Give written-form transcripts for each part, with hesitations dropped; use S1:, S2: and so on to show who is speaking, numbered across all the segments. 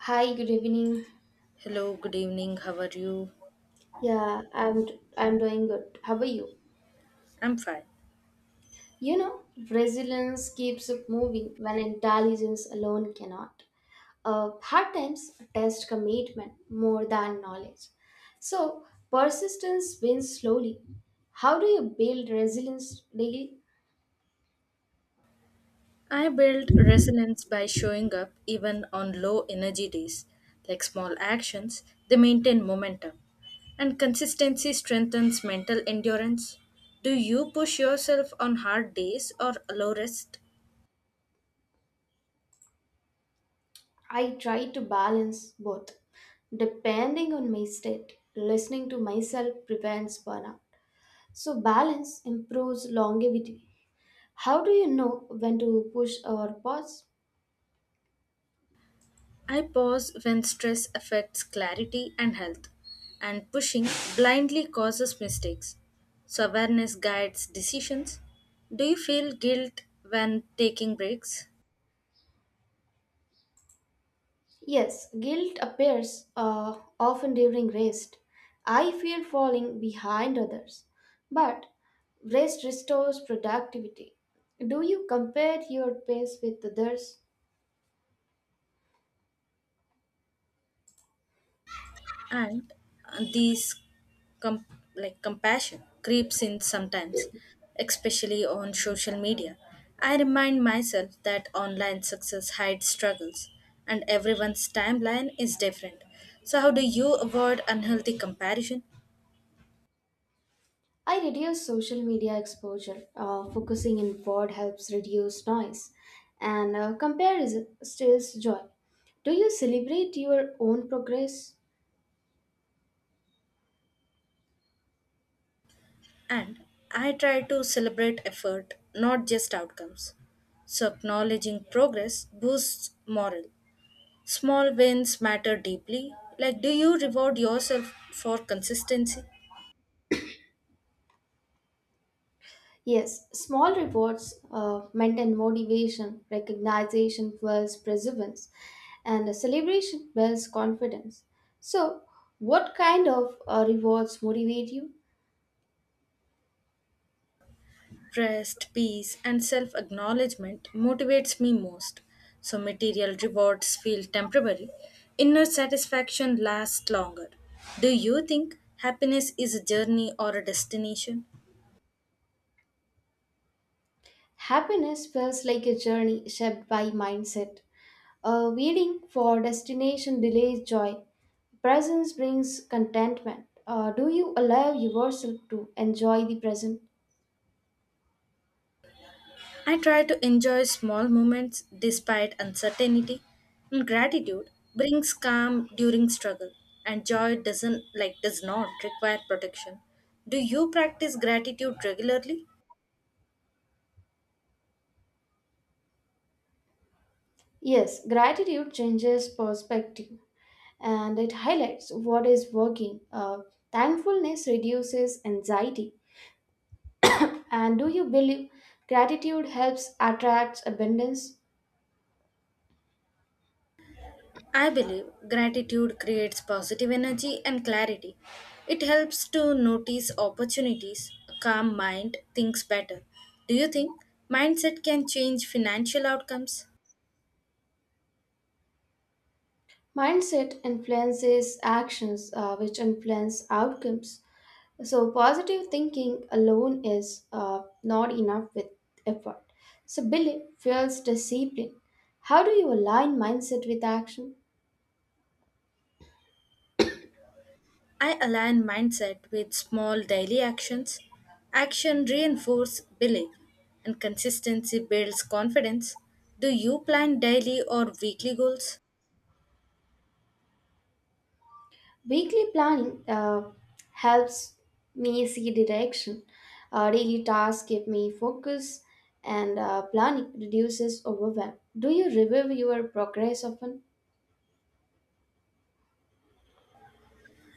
S1: Hi, good evening.
S2: Hello, good evening. How are you?
S1: Yeah, I'm I'm doing good. How are you?
S2: I'm fine.
S1: You know, resilience keeps up moving when intelligence alone cannot. Hard times test commitment more than knowledge. So persistence wins slowly. How do you build resilience daily?
S2: I build resilience by showing up even on low energy days. Like small actions, they maintain momentum. And consistency strengthens mental endurance. Do you push yourself on hard days or allow rest?
S1: I try to balance both. Depending on my state, listening to myself prevents burnout. So balance improves longevity. How do you know when to push or pause?
S2: I pause when stress affects clarity and health. And pushing blindly causes mistakes. So awareness guides decisions. Do you feel guilt when taking breaks?
S1: Yes, guilt appears often during rest. I fear falling behind others, but rest restores productivity. Do you compare your pace with others?
S2: and uh, these com- like compassion creeps in sometimes, especially on social media. I remind myself that online success hides struggles, and everyone's timeline is different. So how do you avoid unhealthy comparison?
S1: I reduce social media exposure. Focusing in pod helps reduce noise, and comparison steals joy. Do you celebrate your own progress?
S2: And I try to celebrate effort, not just outcomes. So acknowledging progress boosts morale. Small wins matter deeply. Like, do you reward yourself for consistency?
S1: Yes, small rewards maintain motivation, recognition builds perseverance, and a celebration builds confidence. So, what kind of rewards motivate you?
S2: Rest, peace, and self acknowledgement motivates me most. So material rewards feel temporary. Inner satisfaction lasts longer. Do you think happiness is a journey or a destination?
S1: Happiness feels like a journey shaped by mindset. Waiting for destination delays joy. Presence brings contentment. Do you allow yourself to enjoy the present?
S2: I try to enjoy small moments despite uncertainty. And gratitude brings calm during struggle, and joy does not require protection. Do you practice gratitude regularly?
S1: Yes, gratitude changes perspective, and it highlights what is working. Thankfulness reduces anxiety. And do you believe gratitude helps attract abundance?
S2: I believe gratitude creates positive energy and clarity. It helps to notice opportunities. A calm mind thinks better. Do you think mindset can change financial outcomes?
S1: Mindset influences actions, which influence outcomes. So, positive thinking alone is not enough with effort. So, belief fuels discipline. How do you align mindset with action?
S2: I align mindset with small daily actions. Action reinforces belief and consistency builds confidence. Do you plan daily or weekly goals?
S1: Weekly planning helps me see direction. Daily tasks give me focus, and planning reduces overwhelm. Do you review your progress often?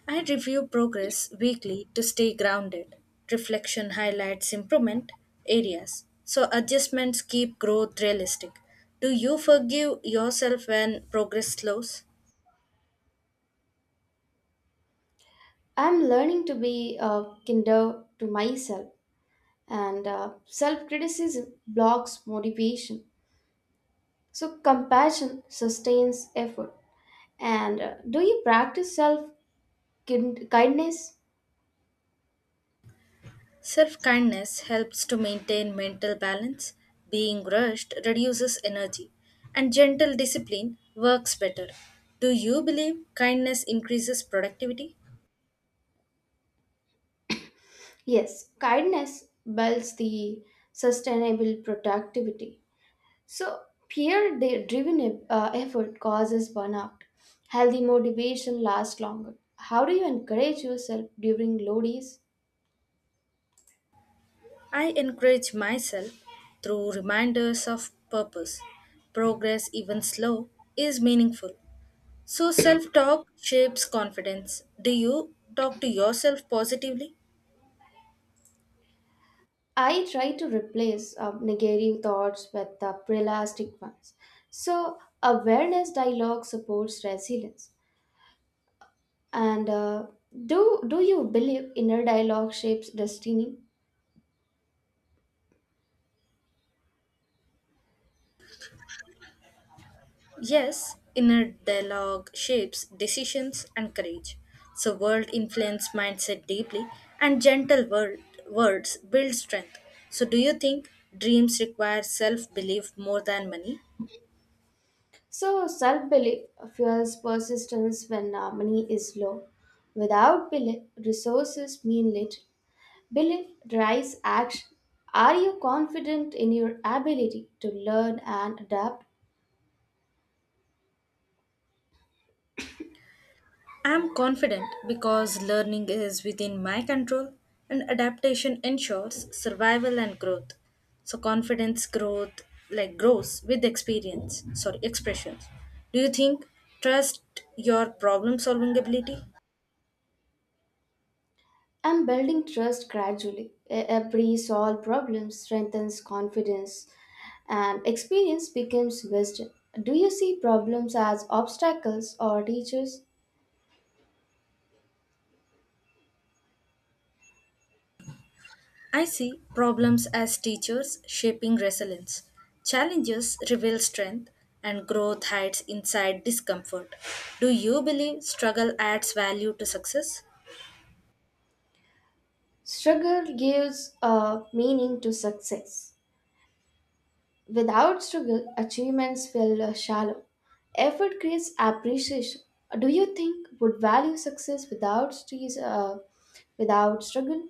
S2: I review progress weekly to stay grounded. Reflection highlights improvement areas, so adjustments keep growth realistic. Do you forgive yourself when progress slows?
S1: I'm learning to be kinder to myself, and self criticism blocks motivation. So, compassion sustains effort. And do you practice kindness?
S2: Self kindness helps to maintain mental balance. Being rushed reduces energy, and gentle discipline works better. Do you believe kindness increases productivity?
S1: Yes, kindness builds the sustainable productivity. So, driven effort causes burnout. Healthy motivation lasts longer. How do you encourage yourself during low days?
S2: I encourage myself through reminders of purpose. Progress, even slow, is meaningful. So, self talk shapes confidence. Do you talk to yourself positively?
S1: I try to replace negative thoughts with realistic ones. So, awareness dialogue supports resilience. And do you believe inner dialogue shapes destiny?
S2: Yes, inner dialogue shapes decisions and courage. So, world influence mindset deeply, and words build strength. So, do you think dreams require self belief more than money?
S1: So, self belief fuels persistence when money is low. Without belief, resources mean little. Belief drives action. Are you confident in your ability to learn and adapt?
S2: I'm confident because learning is within my control and adaptation ensures survival and growth. So confidence growth like grows with experience, sorry, expressions. Do you think trust your problem solving ability?
S1: I'm building trust gradually. Every solved problem strengthens confidence, and experience becomes wisdom. Do you see problems as obstacles or teachers?
S2: I see problems as teachers shaping resilience. Challenges reveal strength and growth hides inside discomfort. Do you believe struggle adds value to success?
S1: Struggle gives a meaning to success. Without struggle, achievements feel shallow. Effort creates appreciation. Do you think would value success without stress, without struggle?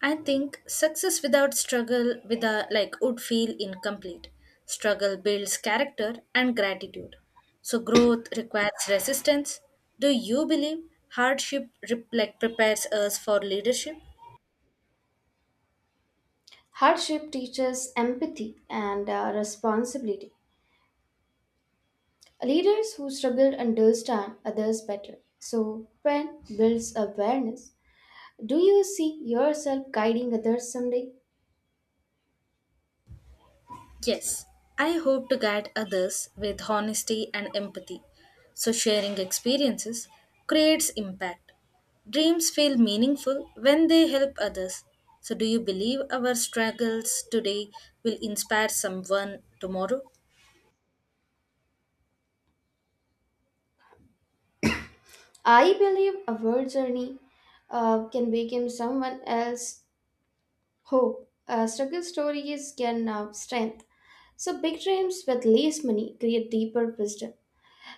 S2: I think success without struggle with a, like would feel incomplete. Struggle builds character and gratitude. So growth requires resistance. Do you believe hardship prepares us for leadership?
S1: Hardship teaches empathy and responsibility. Leaders who struggle understand others better. So, when builds awareness, do you see yourself guiding others someday?
S2: Yes, I hope to guide others with honesty and empathy. So, sharing experiences creates impact. Dreams feel meaningful when they help others. So, do you believe our struggles today will inspire someone tomorrow?
S1: I believe our journey can become someone else Hope. Struggle stories can strength. So big dreams with less money create deeper wisdom.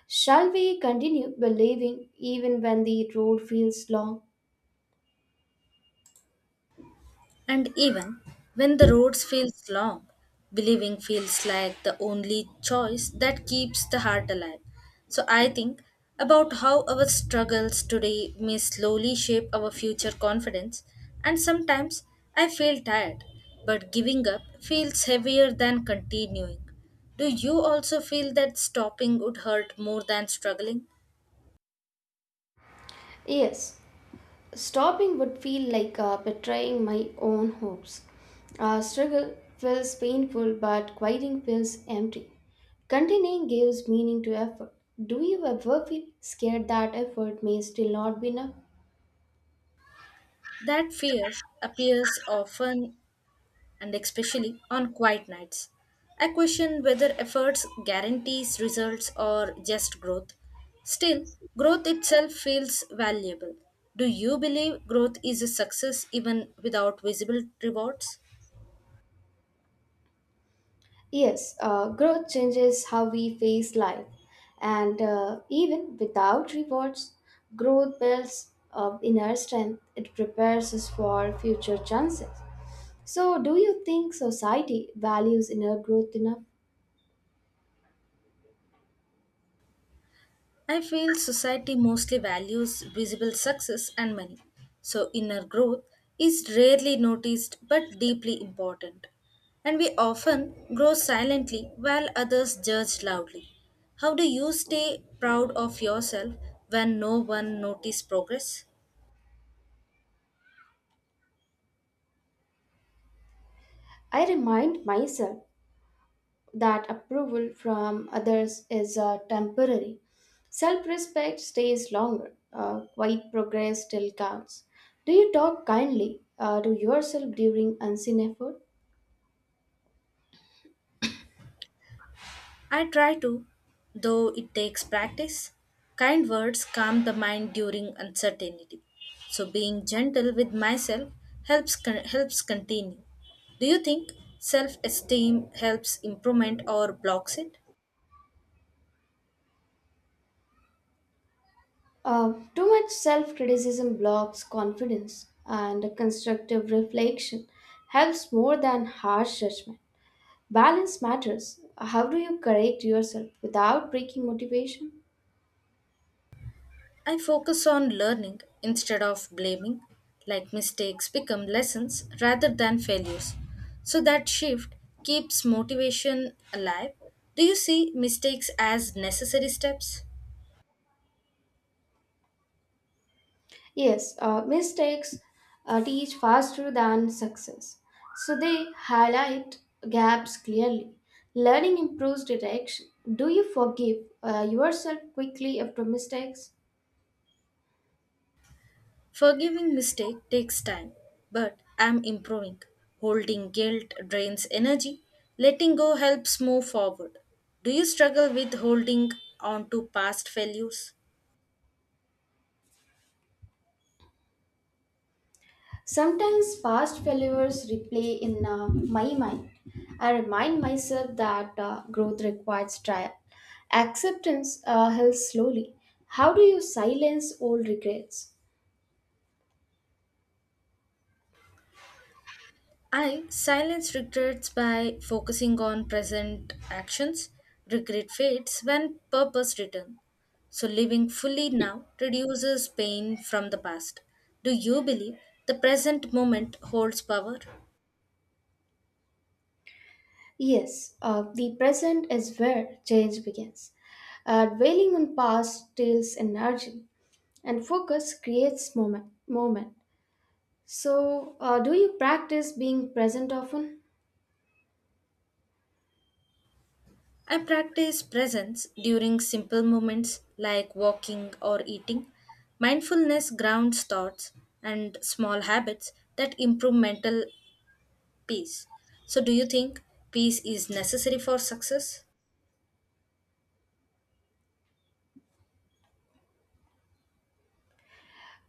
S1: Shall we continue believing even when the road feels long?
S2: And even when the roads feels long, believing feels like the only choice that keeps the heart alive. So I think about how our struggles today may slowly shape our future confidence, and sometimes I feel tired, but giving up feels heavier than continuing. Do you also feel that stopping would hurt more than struggling?
S1: Yes, stopping would feel like betraying my own hopes. Struggle feels painful, but quieting feels empty. Continuing gives meaning to effort. Do you ever feel scared that effort may still not be enough?
S2: That fear appears often, and especially on quiet nights. I question whether efforts guarantees results or just growth. Still, growth itself feels valuable. Do you believe growth is a success even without visible rewards?
S1: Yes, growth changes how we face life, and even without rewards, growth builds inner strength. It prepares us for future chances. So, do you think society values inner growth enough?
S2: I feel society mostly values visible success and money, so inner growth is rarely noticed but deeply important. And we often grow silently while others judge loudly. How do you stay proud of yourself when no one notices progress?
S1: I remind myself that approval from others is temporary. Self respect stays longer. Quiet progress still counts. Do you talk kindly to yourself during unseen effort?
S2: I try to, though it takes practice. Kind words calm the mind during uncertainty. So being gentle with myself helps continue. Do you think self-esteem helps improvement or blocks it?
S1: Too much self criticism blocks confidence, and constructive reflection helps more than harsh judgment. Balance matters. How do you correct yourself without breaking motivation?
S2: I focus on learning instead of blaming, like mistakes become lessons rather than failures. So that shift keeps motivation alive. Do you see mistakes as necessary steps?
S1: Yes, mistakes teach faster than success, so they highlight gaps clearly. Learning improves direction. Do you forgive yourself quickly after mistakes?
S2: Forgiving mistake takes time, but I'm improving. Holding guilt drains energy. Letting go helps move forward. Do you struggle with holding on to past failures?
S1: Sometimes past failures replay in my mind. I remind myself that growth requires trial. Acceptance heals slowly. How do you silence old regrets?
S2: I silence regrets by focusing on present actions. Regret fades when purpose returns. So living fully now reduces pain from the past. Do you believe the present moment holds power?
S1: Yes, the present is where change begins. Dwelling on past steals energy, and focus creates moment. So, do you practice being present often?
S2: I practice presence during simple moments like walking or eating. Mindfulness grounds thoughts and small habits that improve mental peace. So, do you think peace is necessary for success?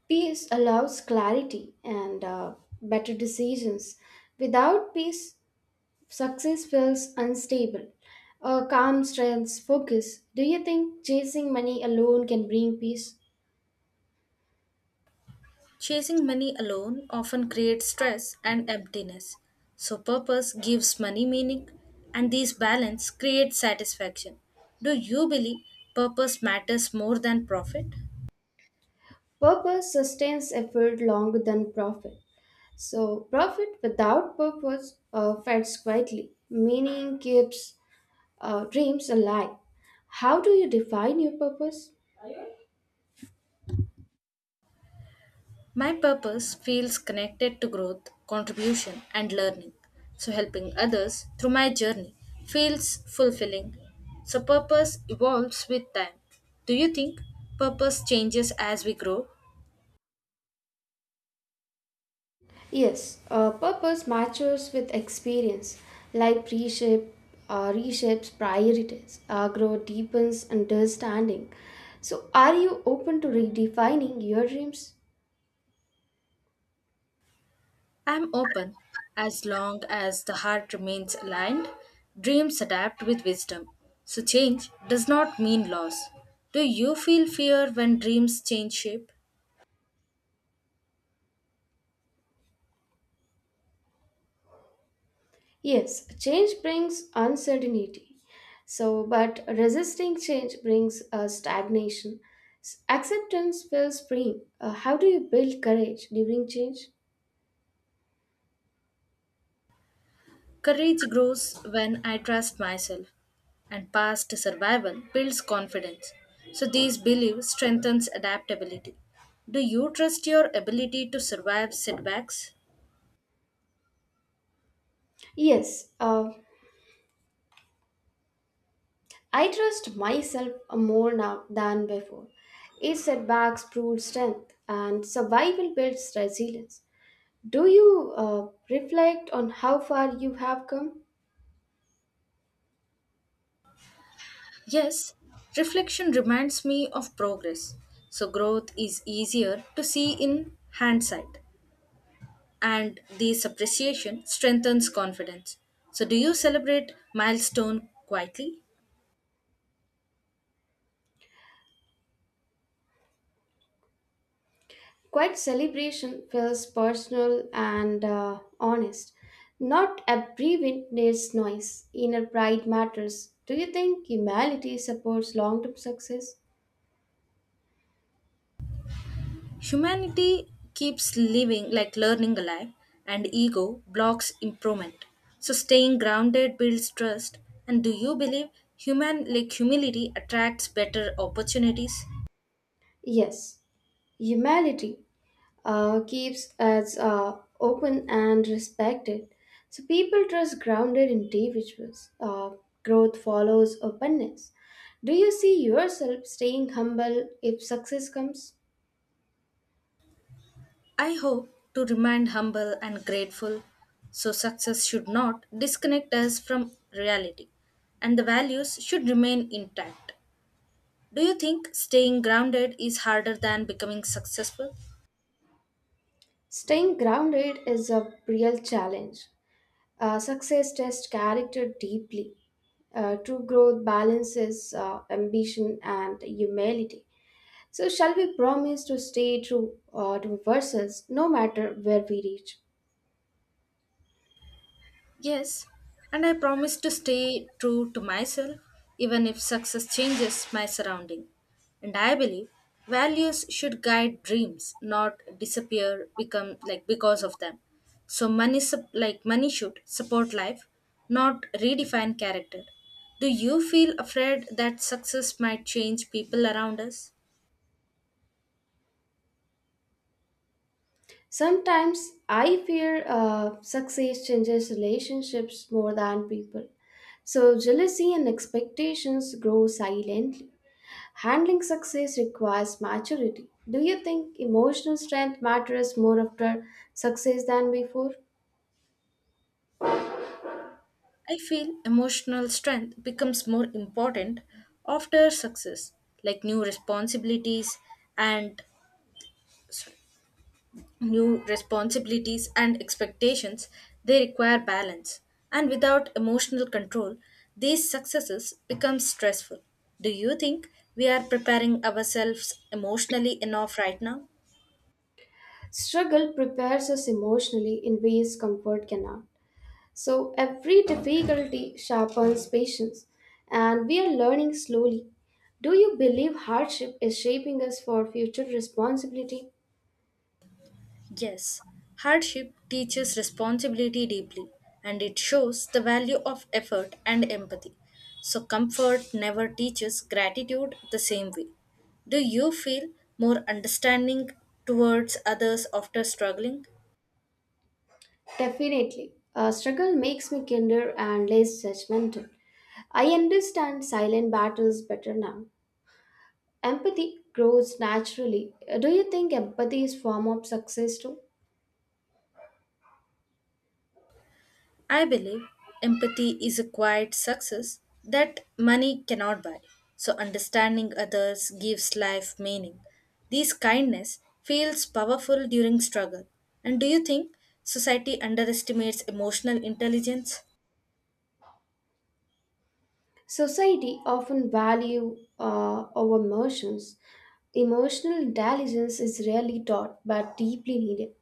S1: Peace allows clarity and better decisions. Without peace, success feels unstable. A calm strengths focus. Do you think chasing money alone can bring peace?
S2: Chasing money alone often creates stress and emptiness. So, purpose gives money meaning, and these balance creates satisfaction. Do you believe purpose matters more than profit?
S1: Purpose sustains effort longer than profit. So, profit without purpose fades quietly. Meaning keeps dreams alive. How do you define your purpose?
S2: My purpose feels connected to growth, contribution, and learning. So, helping others through my journey feels fulfilling. So, purpose evolves with time. Do you think purpose changes as we grow?
S1: Yes, purpose matures with experience. Life reshape, Reshapes priorities. Growth deepens understanding. So, are you open to redefining your dreams?
S2: I am open as long as the heart remains aligned. Dreams adapt with wisdom. So, change does not mean loss. Do you feel fear when dreams change shape?
S1: Yes, change brings uncertainty. So, but resisting change brings stagnation. Acceptance feels freeing. How do you build courage during change?
S2: Courage grows when I trust myself, and past survival builds confidence. So these beliefs strengthens adaptability. Do you trust your ability to survive setbacks?
S1: Yes, I trust myself more now than before. Each setbacks proves strength, and survival builds resilience. Do you reflect on how far you have come?
S2: Yes, reflection reminds me of progress. So growth is easier to see in hindsight, and this appreciation strengthens confidence. So do you celebrate milestone quietly?
S1: Quiet celebration feels personal and honest. Not abbreviated needs noise. Inner pride matters. Do you think humility supports long term success?
S2: Humanity keeps living like learning alive, and ego blocks improvement. So staying grounded builds trust. And do you believe human like humility attracts better opportunities?
S1: Yes, humility keeps us open and respected. So people trust grounded individuals. Growth follows openness. Do you see yourself staying humble if success comes?
S2: I hope to remain humble and grateful. So success should not disconnect us from reality, and the values should remain intact. Do you think staying grounded is harder than becoming successful?
S1: Staying grounded is a real challenge. Success tests character deeply. True growth balances ambition and humility. So, shall we promise to stay true to ourselves no matter where we reach?
S2: Yes, and I promise to stay true to myself even if success changes my surrounding. And I believe values should guide dreams, not disappear become like because of them. So money should support life, not redefine character. Do you feel afraid that success might change people around us?
S1: Sometimes I fear success changes relationships more than people. So jealousy and expectations grow silently. Handling success requires maturity. Do you think emotional strength matters more after success than before?
S2: I feel emotional strength becomes more important after success, like new responsibilities and sorry, new responsibilities and expectations, they require balance. And without emotional control, these successes become stressful. Do you think we are preparing ourselves emotionally enough right now?
S1: Struggle prepares us emotionally in ways comfort cannot. So every difficulty sharpens patience, and we are learning slowly. Do you believe hardship is shaping us for future responsibility?
S2: Yes, hardship teaches responsibility deeply and it shows the value of effort and empathy. So, comfort never teaches gratitude the same way. Do you feel more understanding towards others after struggling?
S1: Definitely. Struggle makes me kinder and less judgmental. I understand silent battles better now. Empathy grows naturally. Do you think empathy is form of success too?
S2: I believe empathy is a quiet success that money cannot buy. So understanding others gives life meaning. This kindness feels powerful during struggle. And do you think society underestimates emotional intelligence?
S1: Society often value our emotions. Emotional intelligence is rarely taught but deeply needed.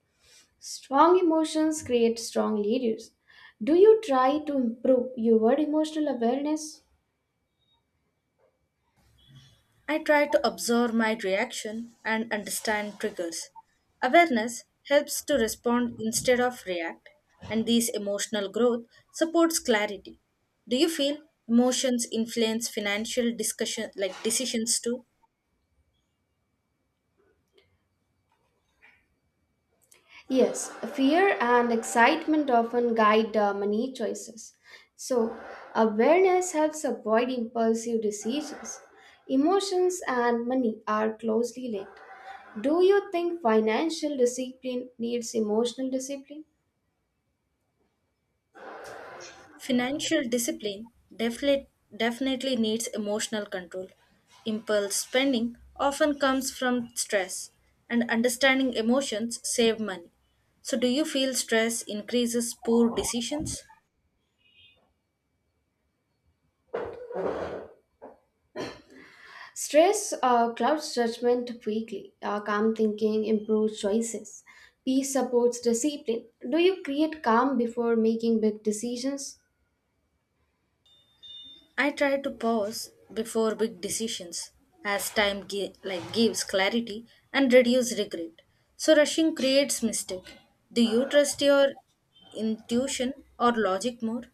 S1: Strong emotions create strong leaders. Do you try to improve your emotional awareness?
S2: I try to observe my reaction and understand triggers. Awareness helps to respond instead of react, and this emotional growth supports clarity. Do you feel emotions influence financial discussion like decisions too?
S1: Yes, fear and excitement often guide money choices. So, awareness helps avoid impulsive decisions. Emotions and money are closely linked. Do you think financial discipline needs emotional discipline?
S2: Financial discipline definitely needs emotional control. Impulse spending often comes from stress, and understanding emotions save money. So do you feel stress increases poor decisions?
S1: Stress clouds judgment quickly. Calm thinking improves choices. Peace supports discipline. Do you create calm before making big decisions?
S2: I try to pause before big decisions as time gives clarity and reduce regret. So rushing creates mistake. Do you trust your intuition or logic more?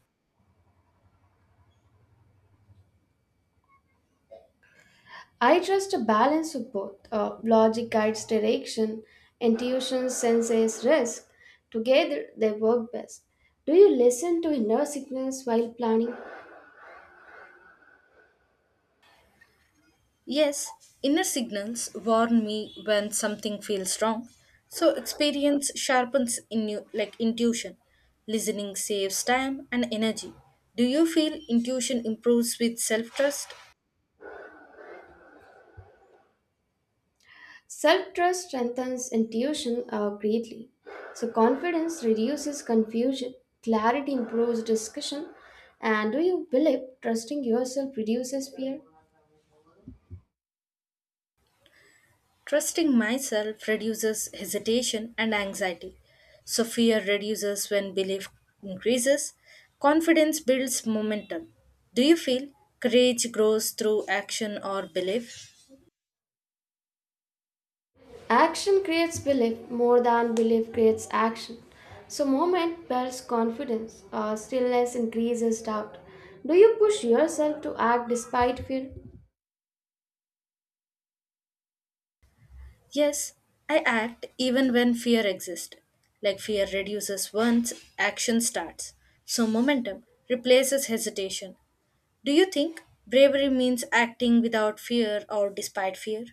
S1: I trust a balance of both. Logic guides direction, intuition senses risk. Together, they work best. Do you listen to inner signals while planning?
S2: Yes, inner signals warn me when something feels wrong. So experience sharpens in you like intuition. Listening saves time and energy. Do you feel intuition improves with self-trust?
S1: Self trust strengthens intuition greatly. So, confidence reduces confusion, clarity improves discussion. And do you believe trusting yourself reduces fear?
S2: Trusting myself reduces hesitation and anxiety. So, fear reduces when belief increases. Confidence builds momentum. Do you feel courage grows through action or belief?
S1: Action creates belief more than belief creates action. So, movement builds confidence, stillness increases doubt. Do you push yourself to act despite fear?
S2: Yes, I act even when fear exists. Like fear reduces once action starts. So, momentum replaces hesitation. Do you think bravery means acting without fear or despite fear?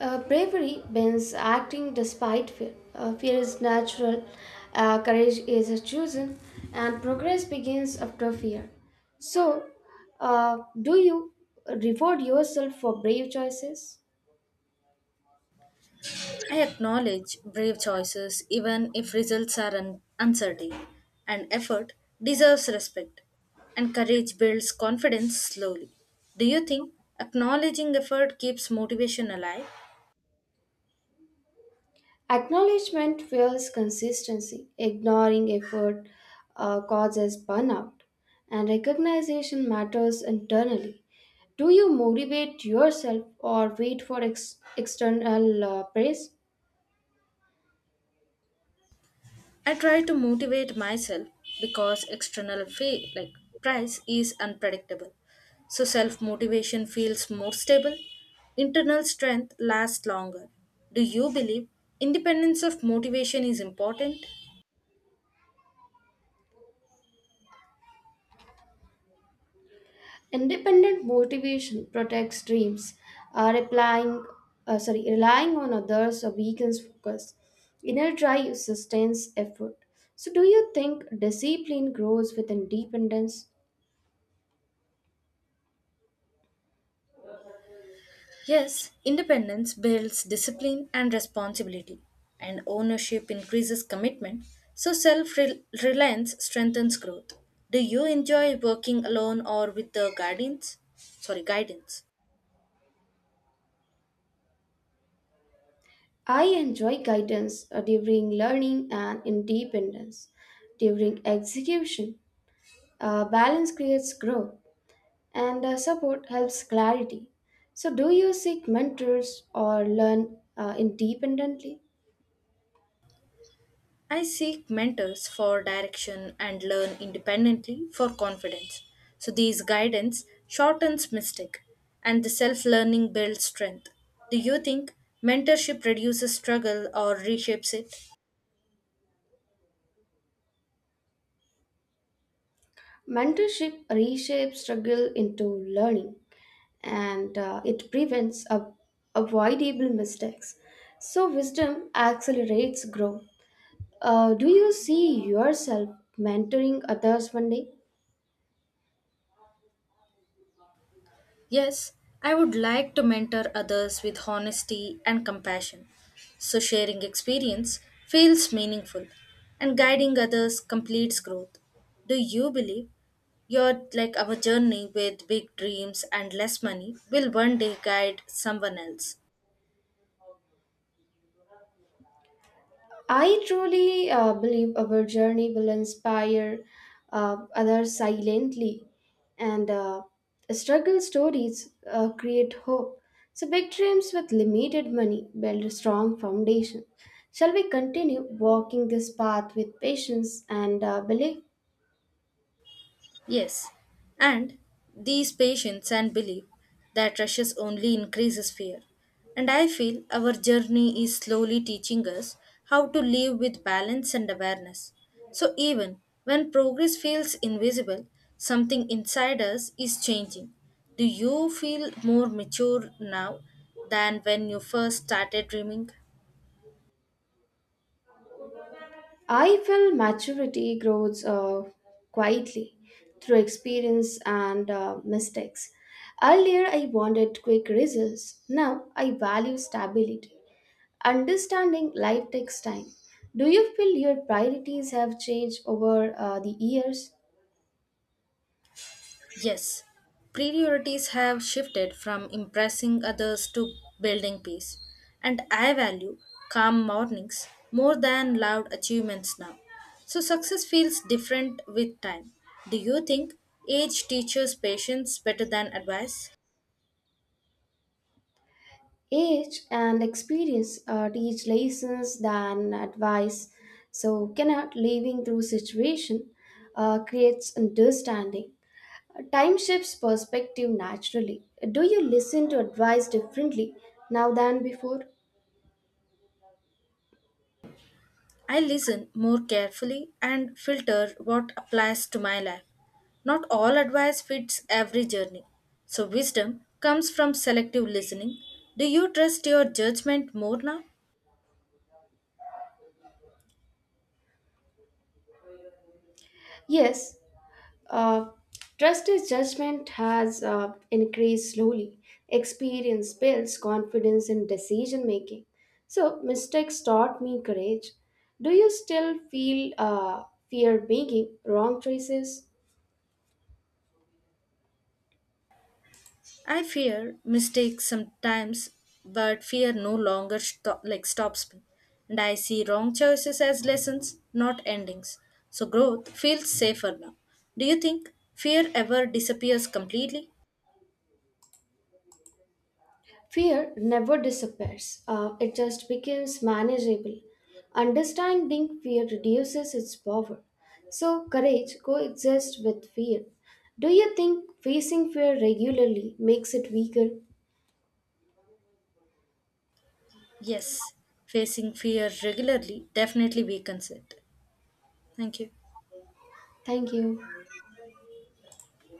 S1: Bravery means acting despite fear. Fear is natural, courage is chosen, and progress begins after fear. So, do you reward yourself for brave choices?
S2: I acknowledge brave choices even if results are uncertain, and effort deserves respect, and courage builds confidence slowly. Do you think acknowledging effort keeps motivation alive?
S1: Acknowledgement fuels consistency. Ignoring effort causes burnout, and recognition matters internally. Do you motivate yourself or wait for external praise?
S2: I try to motivate myself because external fee like price is unpredictable. So self motivation feels more stable. Internal strength lasts longer. Do you believe independence of motivation is important?
S1: Independent motivation protects dreams. Uh, replying, Relying on others weakens focus. Inner drive sustains effort. So, do you think discipline grows with independence?
S2: Yes, independence builds discipline and responsibility, and ownership increases commitment, so self reliance strengthens growth. Do you enjoy working alone or with the guidance? Sorry, guidance.
S1: I enjoy guidance during learning and independence. During execution, balance creates growth and support helps clarity. So, do you seek mentors or learn independently?
S2: I seek mentors for direction and learn independently for confidence. So these guidance shortens mistake and the self-learning builds strength. Do you think mentorship reduces struggle or reshapes it?
S1: Mentorship reshapes struggle into learning and it prevents avoidable mistakes. So, wisdom accelerates growth. Do you see yourself mentoring others one day?
S2: Yes, I would like to mentor others with honesty and compassion. So sharing experience feels meaningful and guiding others completes growth. Do you believe your like our journey with big dreams and less money will one day guide someone else?
S1: I truly believe our journey will inspire others silently, and struggle stories create hope. So, big dreams with limited money build a strong foundation. Shall we continue walking this path with patience and belief?
S2: Yes, and these patience and belief that rushes only increases fear. And I feel our journey is slowly teaching us how to live with balance and awareness. So even when progress feels invisible, something inside us is changing. Do you feel more mature now than when you first started dreaming?
S1: I feel maturity grows quietly through experience and mistakes. Earlier, I wanted quick results. Now, I value stability. Understanding life takes time. Do you feel your priorities have changed over the years?
S2: Yes, priorities have shifted from impressing others to building peace, and I value calm mornings more than loud achievements now. So success feels different with time. Do you think age teaches patience better than advice?
S1: Age and experience teach lessons than advice, so cannot living through situation creates understanding. Time shifts perspective naturally. Do you listen to advice differently now than before?
S2: I listen more carefully and filter what applies to my life. Not all advice fits every journey. So wisdom comes from selective listening. Do you trust your judgment more now?
S1: Yes, Uh, trustees' judgment has increased slowly. Experience builds confidence in decision making. So mistakes taught me courage. Do you still feel fear making wrong choices?
S2: I fear mistakes sometimes, but fear no longer stops me. And I see wrong choices as lessons, not endings. So growth feels safer now. Do you think fear ever disappears completely?
S1: Fear never disappears. It just becomes manageable. Understanding fear reduces its power. So courage coexists with fear. Do you think facing fear regularly makes it weaker?
S2: Yes, facing fear regularly definitely weakens it. Thank you.
S1: Thank you.